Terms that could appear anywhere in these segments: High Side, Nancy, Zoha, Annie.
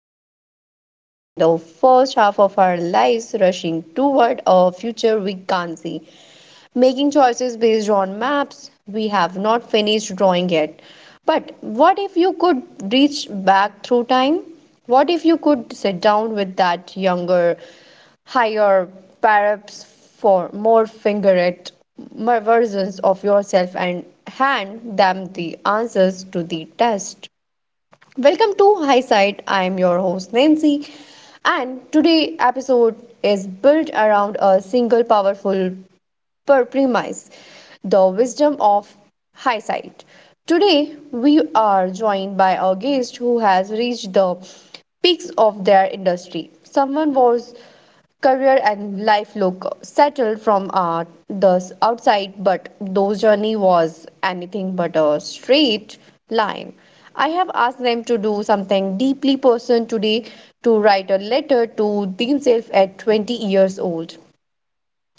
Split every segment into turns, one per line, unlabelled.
backward. We spend the first half of our lives rushing toward a future we can't see, making choices based on maps we have not finished drawing yet. But what if you could reach back through time? What if you could sit down with that younger higher, perhaps for more fingerate versions of yourself and hand them the answers to the test. Welcome to High Side. I am your host Nancy, and today episode is built around a single powerful per premise, the wisdom of hindsight. Today, we are joined by a guest who has reached the peaks of their industry. Someone was career and life look settled from the outside, but those journey was anything but a straight line. I have asked them to do something deeply personal today, to write a letter to themselves at 20 years old.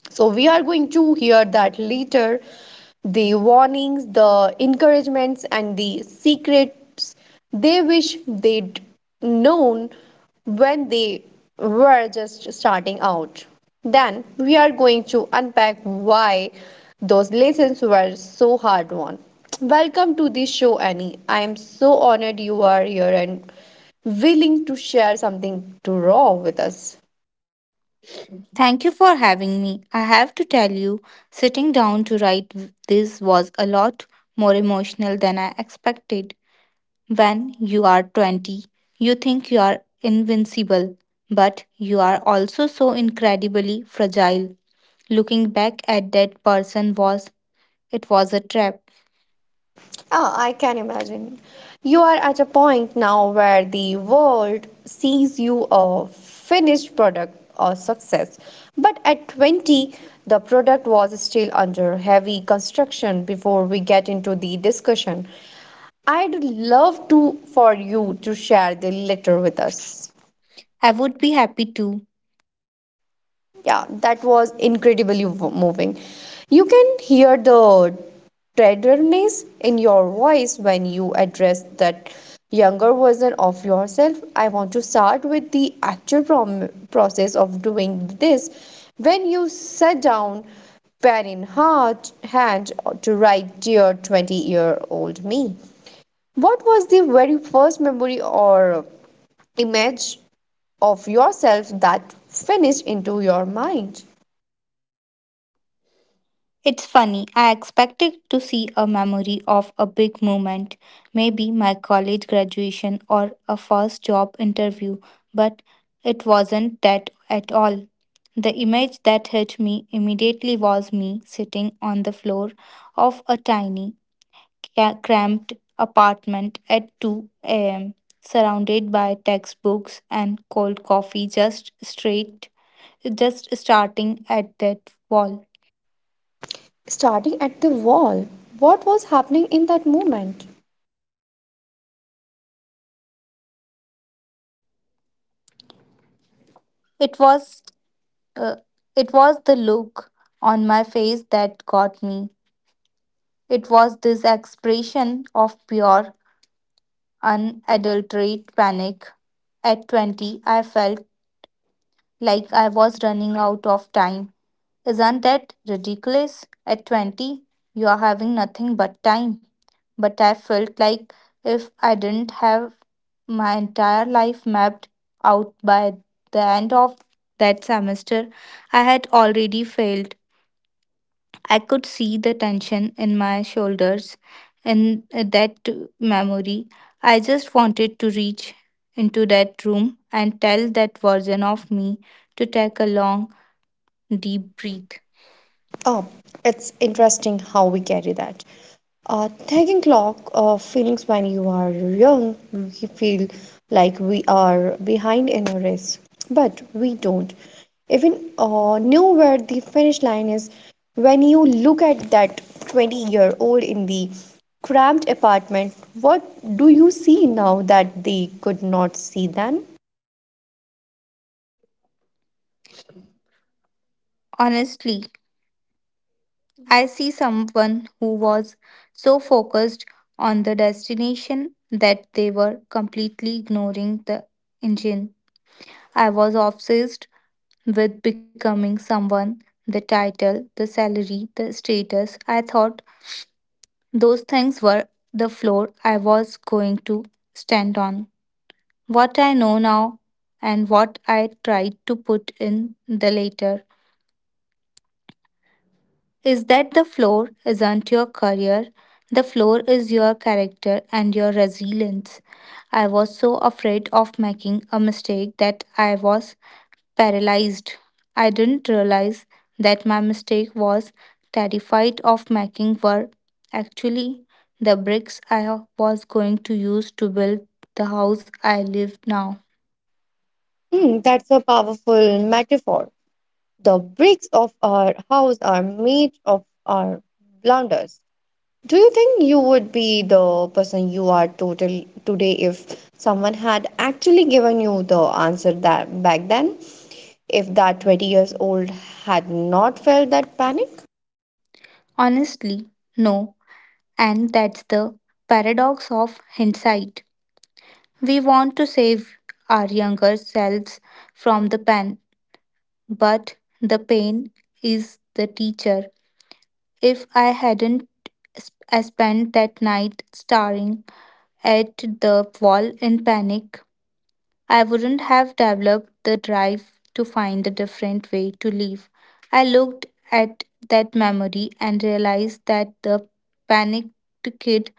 So we are going to hear that later, the warnings, the encouragements, and the secrets they wish they'd known when they were just starting out. Then we are going to unpack why those lessons were so hard won. Welcome to the show, Annie. I am so honored you are here and willing to share something too raw with us.
Thank you for having me. I have to tell you, sitting down to write this was a lot more emotional than I expected. When you are 20, you think you are invincible, but you are also so incredibly fragile. Looking back at that person was it was a trap.
Ah, I can imagine. You are at a point now where the world sees you a finished product or success. But at 20, the product was still under heavy construction before we get into the discussion. I'd love to for you to share the letter with us.
I would be happy to.
Yeah, that was incredibly moving. You can hear the tenderness in your voice when you address that younger version of yourself. I want to start with the actual process of doing this. When you sat down, pen in heart hand, to write dear 20-year-old me, what was the very first memory or image of yourself that finished into your mind?
It's funny, I expected to see a memory of a big moment, maybe my college graduation or a first job interview, but it wasn't that at all. The image that hit me immediately was me sitting on the floor of a tiny, cramped apartment at 2 a.m., surrounded by textbooks and cold coffee just straight, just starting at that wall.
Starting at the wall. What was happening in that moment?
It was Uh, it was the look on my face that got me. It was this expression of pure, unadulterated panic. At 20, I felt like I was running out of time. Isn't that ridiculous? At 20, you are having nothing but time. But I felt like if I didn't have my entire life mapped out by the end of that semester, I had already failed. I could see the tension in my shoulders in that memory. I just wanted to reach into that room and tell that version of me to take a long, deep breath.
Oh,
Oh.
it's interesting how we carry that. Taking clock of feelings when you are young, we feel like we are behind in a race, but we don't even know where the finish line is. When you look at that 20-year-old in the cramped apartment, what do you see now that they could not see then?
Honestly, I see someone who was so focused on the destination that they were completely ignoring the engine. I was obsessed with becoming someone, the title, the salary, the status. I thought those things were the floor I was going to stand on. What I know now, and what I tried to put in the later, is that the floor isn't your career, the floor is your character and your resilience. I was so afraid of making a mistake that I was paralyzed. I didn't realize that my mistake was terrified of making were actually the bricks I was going to use to build the house I live now.
Hmm, that's a powerful metaphor. The bricks of our house are made of our blunders. Do you think you would be the person you are total today if someone had actually given you the answer that back then? If that 20 years old had not felt that panic?
Honestly, no, and that's the paradox of hindsight. We want to save our younger selves from the pain, but the pain is the teacher. If I hadn't spent that night staring at the wall in panic, I wouldn't have developed the drive to find a different way to live. I looked at that memory and realized that the panicked kid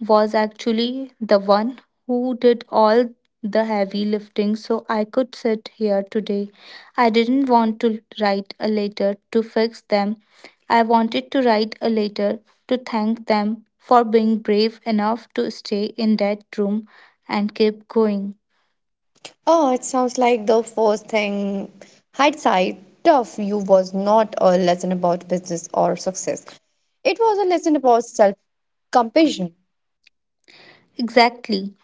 was actually the one who did all the heavy lifting so I could sit here today. I didn't want to write a letter to fix them. I wanted to write a letter to thank them for being brave enough to stay in that room and keep going.
Oh, it sounds like the first thing hindsight tough you was not a lesson about business or success. It was a lesson about self compassion.
Exactly.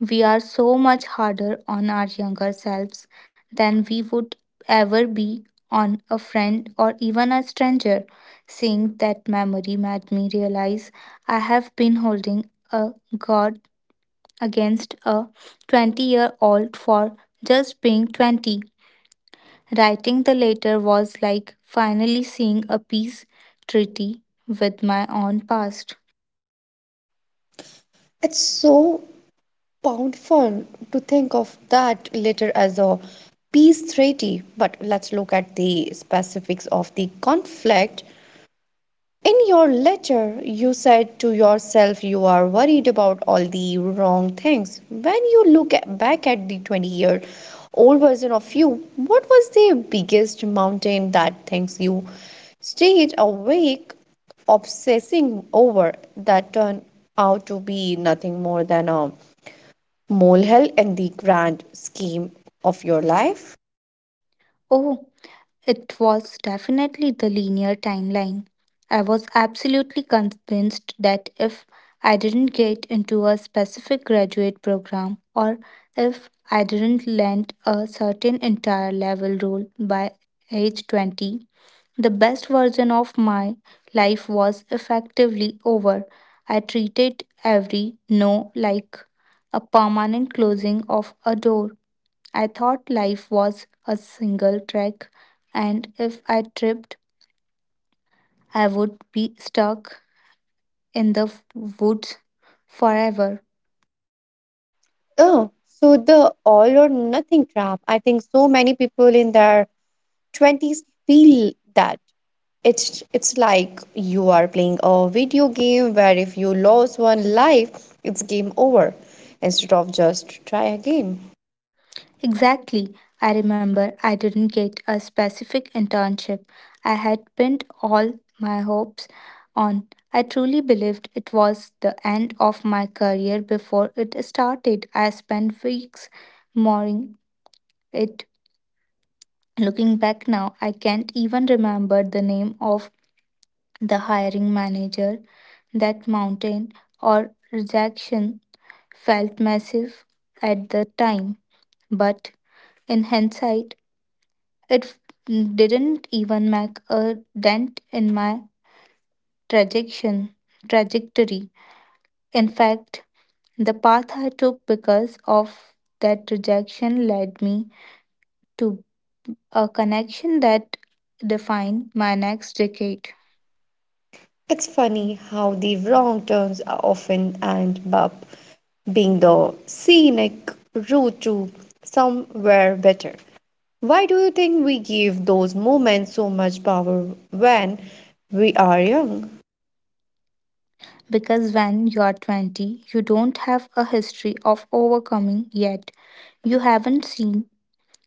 We are so much harder on our younger selves than we would ever be on a friend or even a stranger. Seeing that memory made me realize I have been holding a god against a 20-year-old for just being 20. Writing the letter was like finally seeing a peace treaty with my own past.
It's so powerful to think of that later as a peace treaty, but let's look at the specifics of the conflict. In your letter, you said to yourself you are worried about all the wrong things. When you back at the 20-year-old version of you, what was the biggest mountain that things you stayed awake obsessing over that turned out to be nothing more than a molehill in the grand scheme of your life?
Oh, it was definitely the linear timeline. I was absolutely convinced that if I didn't get into a specific graduate program or if I didn't land a certain entire level role by age 20, the best version of my life was effectively over. I treated every no like a permanent closing of a door. I thought life was a single track, and if I tripped, I would be stuck in the woods forever.
Oh, so the all or nothing trap. I think so many people in their 20s feel that. It's like you are playing a video game where if you lose one life, it's game over instead of just try again.
Exactly. I remember I didn't get a specific internship I had pinned all my hopes on. I truly believed it was the end of my career before it started. I spent weeks mourning it. Looking back now, I can't even remember the name of the hiring manager. That mountain or rejection felt massive at the time, but in hindsight, it didn't even make a dent in my trajection, trajectory. In fact, the path I took because of that rejection led me to a connection that defined my next decade.
It's funny how the wrong turns are often end up being the scenic route to somewhere better. Why do you think we give those moments so much power when we are young?
Because when you are 20, you don't have a history of overcoming yet. You haven't seen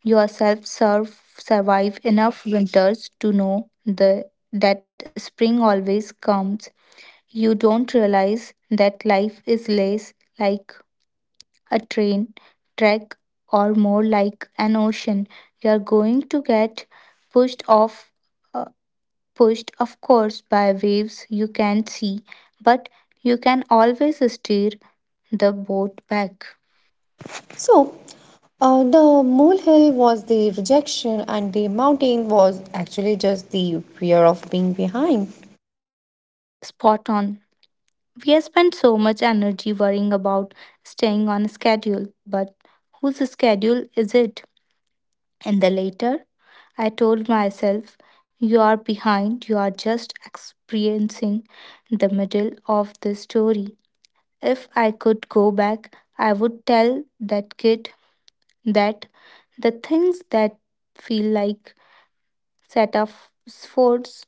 yourself survive enough winters to know that spring always comes. You don't realize that life is less like a train track or more like an ocean. You are going to get pushed off uh, pushed, of course, by waves you can not see, but you can always steer the boat back.
So, the molehill was the rejection, and the mountain was actually just the fear of being behind.
Spot on. We have spent so much energy worrying about staying on schedule, but whose schedule is it? And the later, I told myself, you are behind, you are just experiencing the middle of the story. If I could go back, I would tell that kid that the things that feel like set metaphors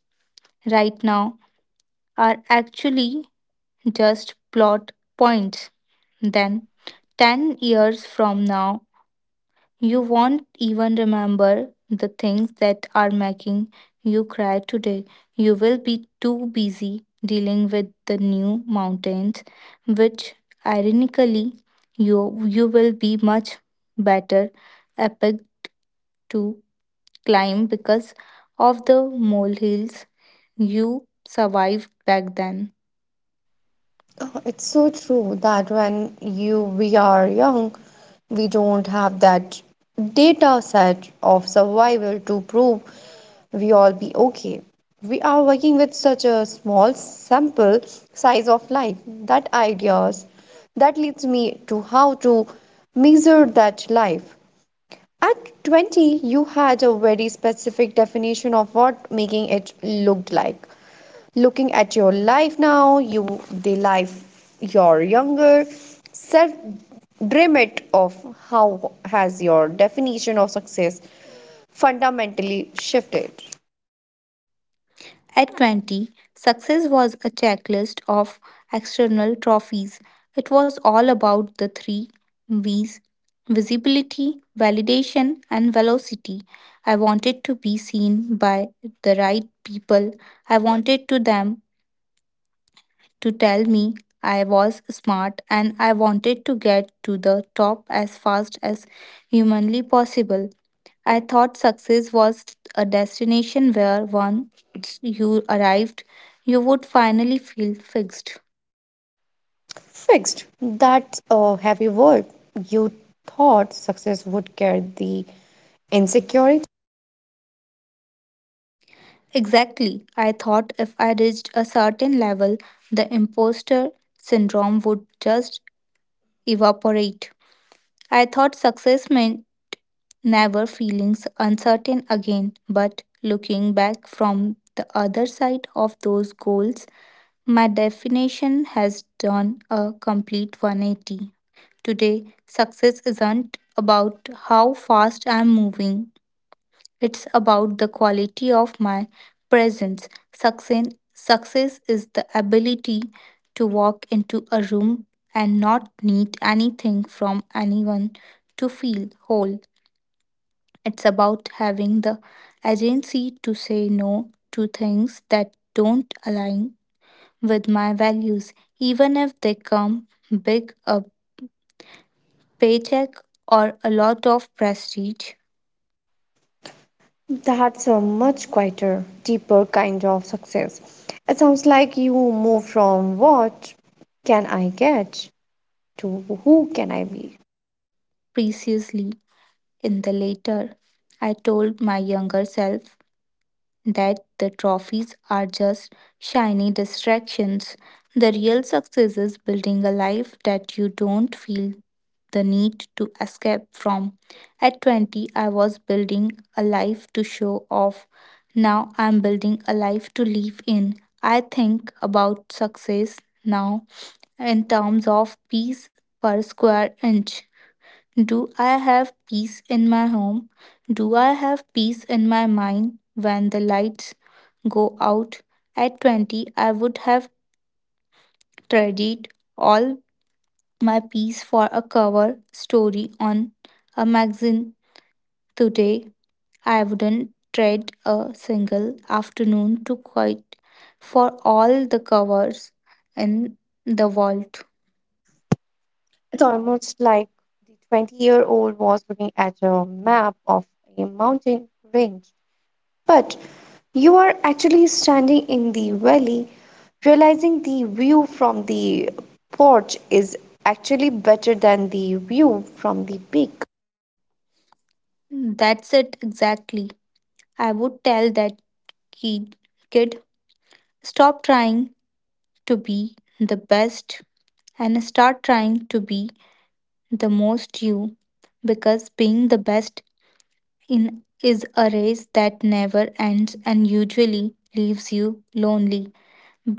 right now are actually just plot points. Then, 10 years from now, you won't even remember the things that are making you cry today. You will be too busy dealing with the new mountains, which ironically, you will be much better epic to climb because of the molehills you survived back then.
Oh, it's so true that when you we are young, we don't have that data set of survival to prove we all be okay. We are working with such a small sample size of life that ideas that leads me to how to measure that life at 20, you had a very specific definition of what making it looked like. Looking at your life now, you the life your younger self dream of, how has your definition of success fundamentally shifted?
At 20, success was a checklist of external trophies. It was all about the three V's: visibility, validation, and velocity. I wanted to be seen by the right people. I wanted to them to tell me I was smart, and I wanted to get to the top as fast as humanly possible. I thought success was a destination where once you arrived, you would finally feel fixed.
Fixed. That's a heavy word. You thought success would carry the insecurity.
Exactly. I thought if I reached a certain level, the imposter syndrome would just evaporate. I thought success meant never feeling uncertain again. But looking back from the other side of those goals, my definition has done a complete 180. Today, success isn't about how fast I'm moving, it's about the quality of my presence. Success is the ability to walk into a room and not need anything from anyone to feel whole. It's about having the agency to say no to things that don't align with my values, even if they come big a paycheck or a lot of prestige.
That's a much quieter, deeper kind of success. It sounds like you move from what can I get to who can I be.
Preciously, in the later, I told my younger self that the trophies are just shiny distractions. The real success is building a life that you don't feel the need to escape from. At 20, I was building a life to show off. Now I'm building a life to live in. I think about success now in terms of piece per square inch. Do I have peace in my home? Do I have peace in my mind when the lights go out? At 20, I would have traded all my peace for a cover story on a magazine. Today, I wouldn't trade a single afternoon to quit for all the covers in the world.
It's almost like the 20-year-old was looking at a map of a mountain range. But you are actually standing in the valley, realizing the view from the porch is actually better than the view from the peak.
That's it exactly. I would tell that kid, kid, stop trying to be the best and start trying to be the most you, because being the best in is a race that never ends and usually leaves you lonely.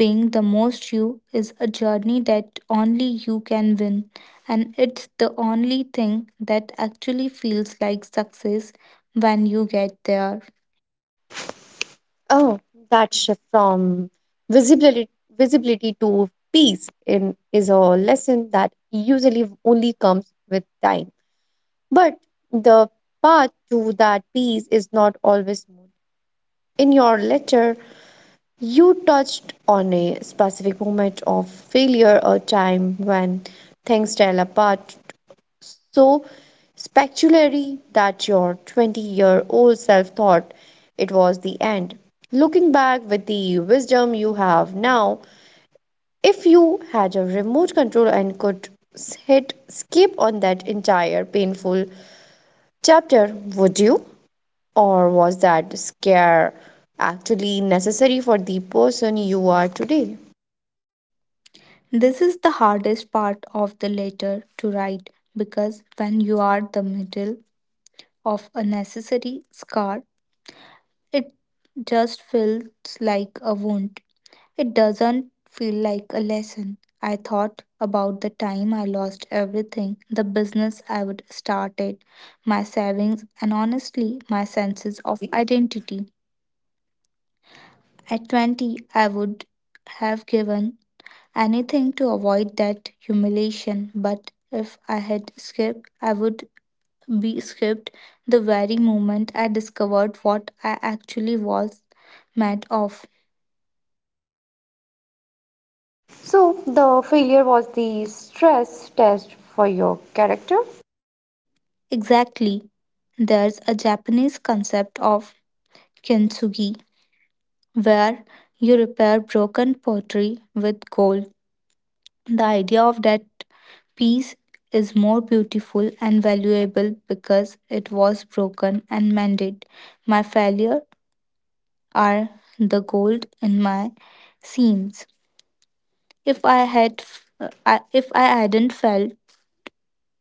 Being the most you is a journey that only you can win, and it's the only thing that actually feels like success when you get there.
Oh, that shift from visibility visibility to peace in, is a lesson that usually only comes with time. But the path to that peace is not always smooth. In your letter, you touched on a specific moment of failure, a time when things fell apart so speculary that your 20-year-old self thought it was the end. Looking back with the wisdom you have now, if you had a remote control and could hit skip on that entire painful chapter, would you? Or was that scare actually necessary for the person you are today?
This is the hardest part of the letter to write, because when you are the middle of a necessary scar, it just feels like a wound. It doesn't feel like a lesson. I thought about the time I lost everything, the business I would started, my savings, and honestly, my senses of identity. At 20, I would have given anything to avoid that humiliation, but if I had skipped, I would be skipped the very moment I discovered what I actually was made of.
So, the failure was the stress test for your character?
Exactly. There's a Japanese concept of kintsugi where you repair broken pottery with gold. The idea of that piece is more beautiful and valuable because it was broken and mended. My failure are the gold in my seams. If I had, f- I- If I hadn't felt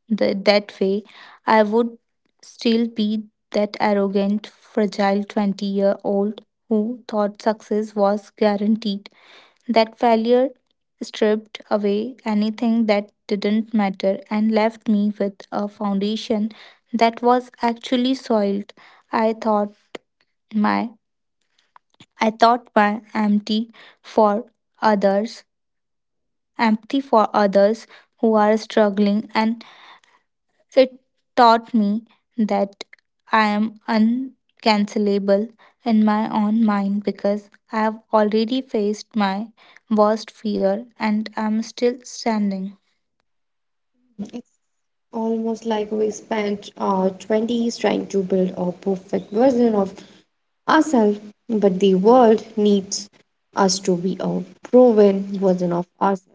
that way, I would still be that arrogant, fragile 20-year-old who thought success was guaranteed. That failure stripped away anything that didn't matter and left me with a foundation that was actually soiled. I thought my I thought my for others, empathy for others who are struggling, and it taught me that I am uncancelable in my own mind, because I have already faced my worst fear and I'm still standing.
Almost like we spent our 20s trying to build a perfect version of ourselves, but the world needs us to be a proven version of ourselves.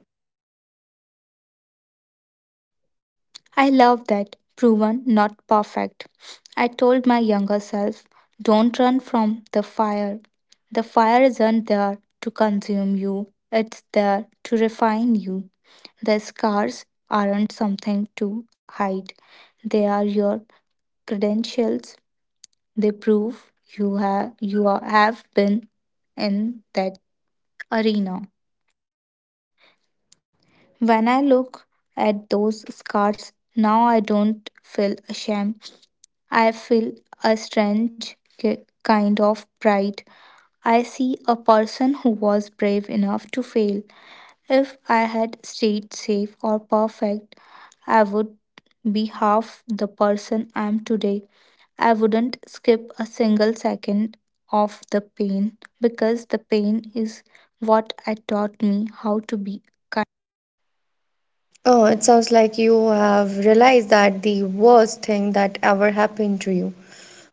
I love that. Proven, not perfect. I told my younger self, don't run from the fire. The fire isn't there to consume you, it's there to refine you. The scars aren't something to hide, they are your credentials. They prove you have, you are, have been in that arena. When I look at those scars, now I don't feel ashamed, I feel a strange kind of pride. I see a person who was brave enough to fail. If I had stayed safe or perfect, I would be half the person I am today. I wouldn't skip a single second of the pain, because the pain is what I taught me how to be kind.
Oh, it sounds like you have realized that the worst thing that ever happened to you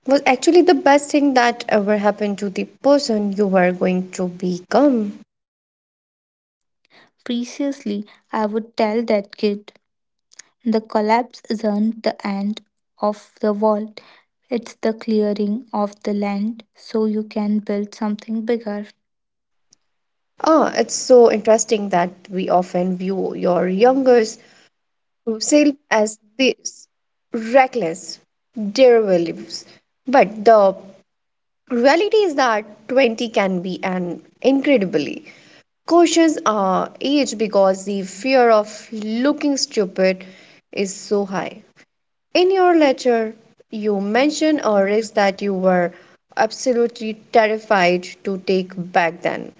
was actually the best thing that ever happened to the person you were going to become.
Preciously, I would tell that kid, the collapse isn't the end of the world, it's the clearing of the land so you can build something bigger.
Oh, it's so interesting that we often view your younger sale as these reckless derivatives. But the reality is that 20 can be an incredibly cautious age because the fear of looking stupid is so high. In your letter, you mentioned a risk that you were absolutely terrified to take back then.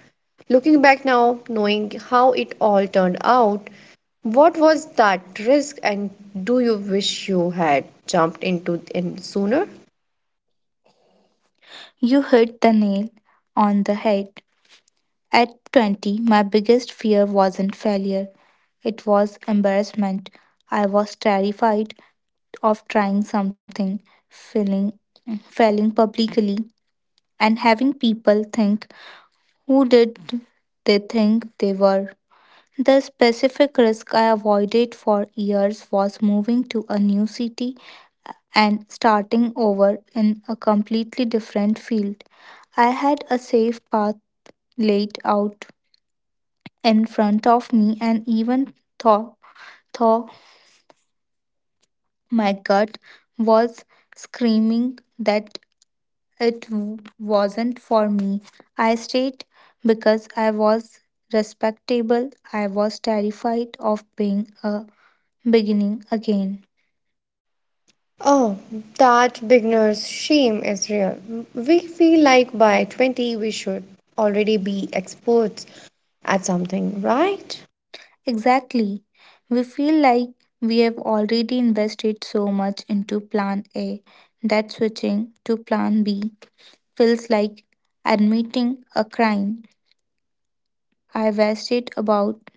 Looking back now, knowing how it all turned out, what was that risk and do you wish you had jumped into it sooner?
You hit the nail on the head. At 20, my biggest fear wasn't failure, it was embarrassment. I was terrified of trying something, feeling, failing publicly, and having people think, who did they think they were? The specific risk I avoided for years was moving to a new city and starting over in a completely different field. I had a safe path laid out in front of me and even thought my gut was screaming that it wasn't for me. I stayed because I was respectable. I was terrified of being a beginning again.
Oh, that beginner's shame is real. We feel like by 20 we should already be experts at something, right?
Exactly. We feel like we have already invested so much into plan A that switching to plan B feels like admitting a crime. I wasted about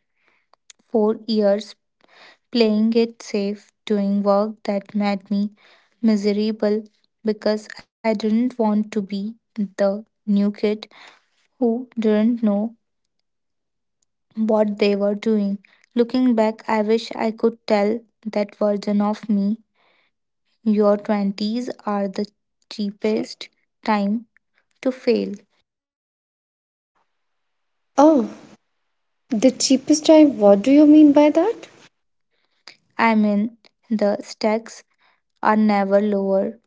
4 years playing it safe, doing work that made me miserable because I didn't want to be the new kid who didn't know what they were doing. Looking back, I wish I could tell that version of me your 20s are the cheapest time to fail.
Oh, the cheapest time, what do you mean by that?
I mean, the stacks are never lower.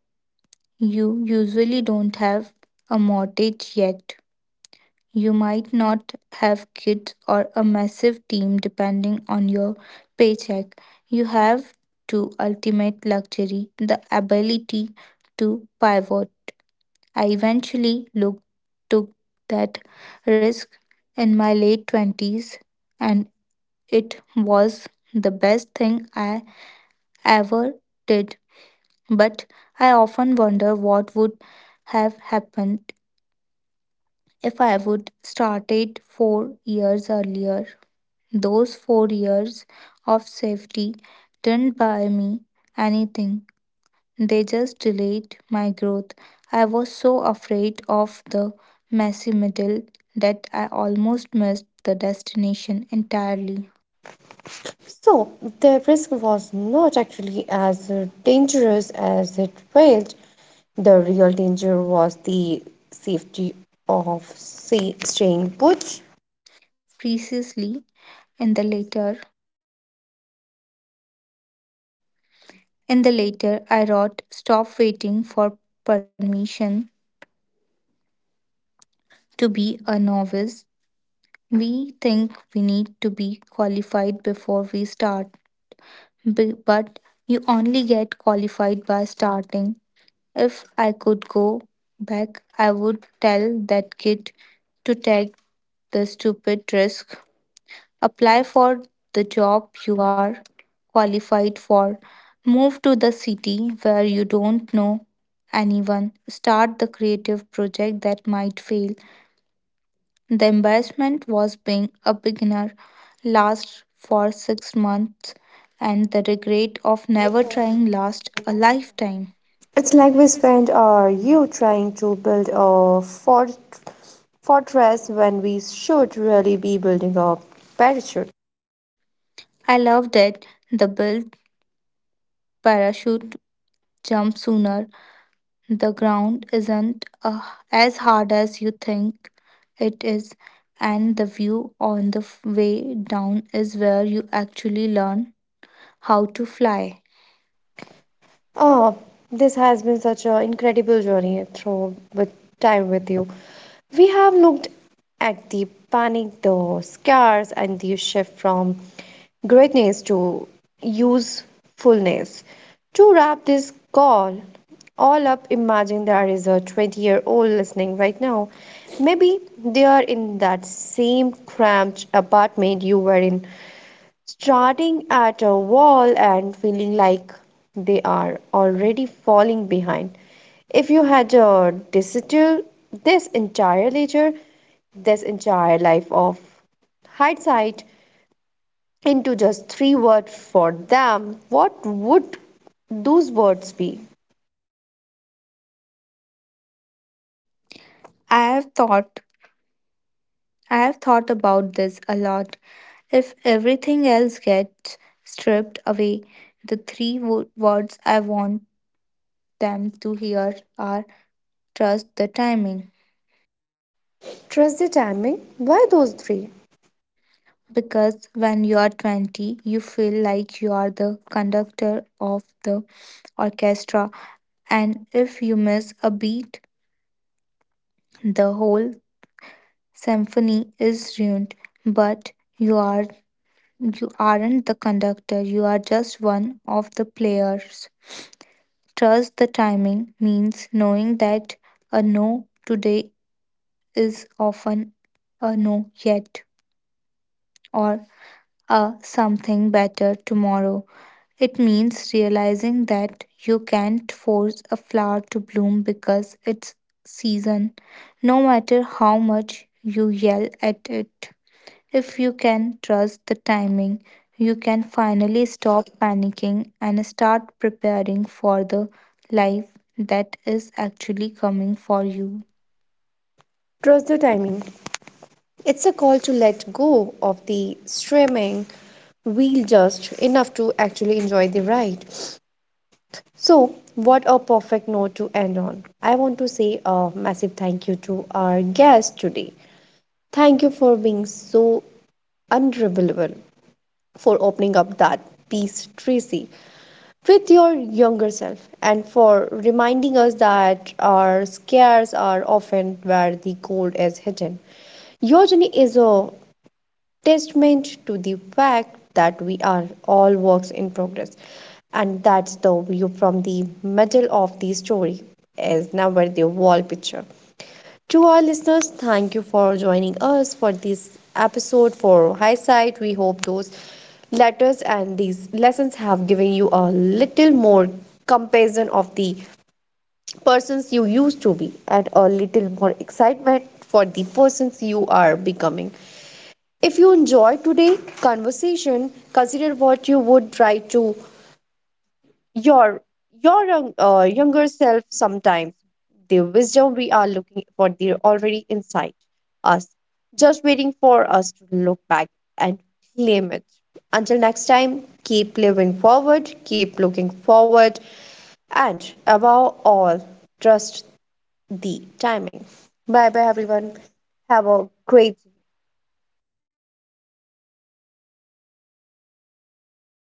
You usually don't have a mortgage yet. You might not have kids or a massive team depending on your paycheck. You have to ultimate luxury, the ability to pivot. I took that risk in my late 20s, and it was the best thing I ever did. But I often wonder what would have happened if I would started 4 years earlier. Those 4 years of safety didn't buy me anything. They just delayed my growth. I was so afraid of the messy middle that I almost missed the destination entirely.
So, the risk was not actually as dangerous as it felt. The real danger was the safety of say, staying put.
Precisely, in the later in the later I wrote, stop waiting for permission to be a novice. We think we need to be qualified before we start, but you only get qualified by starting. If I could go back, I would tell that kid to take the stupid risk, apply for the job you are qualified for, move to the city where you don't know anyone, start the creative project that might fail. The embarrassment was being a beginner, lasts for 6 months, and the regret of never trying lasts a lifetime.
It's like we spend our youth trying to build a fortress when we should really be building a parachute.
I loved it. The built parachute, jump sooner. The ground isn't as hard as you think it is, and the view on the way down is where you actually learn how to fly.
Oh, this has been such an incredible journey through with time with you. We have looked at the panic, the scars, and the shift from greatness to usefulness. To wrap this call all up, imagine there is a 20-year-old listening right now. Maybe they are in that same cramped apartment you were in starting at a wall and feeling like they are already falling behind. If you had distill this entire ledger, this entire life of hindsight into just three words for them, what would those words be?
I have thought I have thought about this a lot. If everything else gets stripped away, the three words I want them to hear are, trust the timing.
Trust the timing. Why those three?
Because when you are 20, you feel like you are the conductor of the orchestra, and if you miss a beat, the whole symphony is ruined. But you are you aren't the conductor, you are just one of the players. Trust the timing means knowing that a no today is often a no yet or a something better tomorrow. It means realizing that you can't force a flower to bloom because it's season, no matter how much you yell at it. If you can trust the timing, you can finally stop panicking and start preparing for the life that is actually coming for you.
Trust the timing. It's a call to let go of the streaming wheel just enough to actually enjoy the ride. So, what a perfect note to end on. I want to say a massive thank you to our guest today. Thank you for being so unreliable, for opening up that piece, Tracy, with your younger self, and for reminding us that our scares are often where the gold is hidden. Your journey is a testament to the fact that we are all works in progress. And that's the view from the middle of the story, as never the wall picture. To our listeners, thank you for joining us for this episode for High Sight. We hope those letters and these lessons have given you a little more comparison of the persons you used to be and a little more excitement for the persons you are becoming. If you enjoyed today's conversation, consider what you would write to your younger self sometimes. The wisdom we are looking for, they're already inside us, just waiting for us to look back and claim it. Until next time, keep living forward, keep looking forward, and above all, trust the timing. Bye bye, everyone. Have a great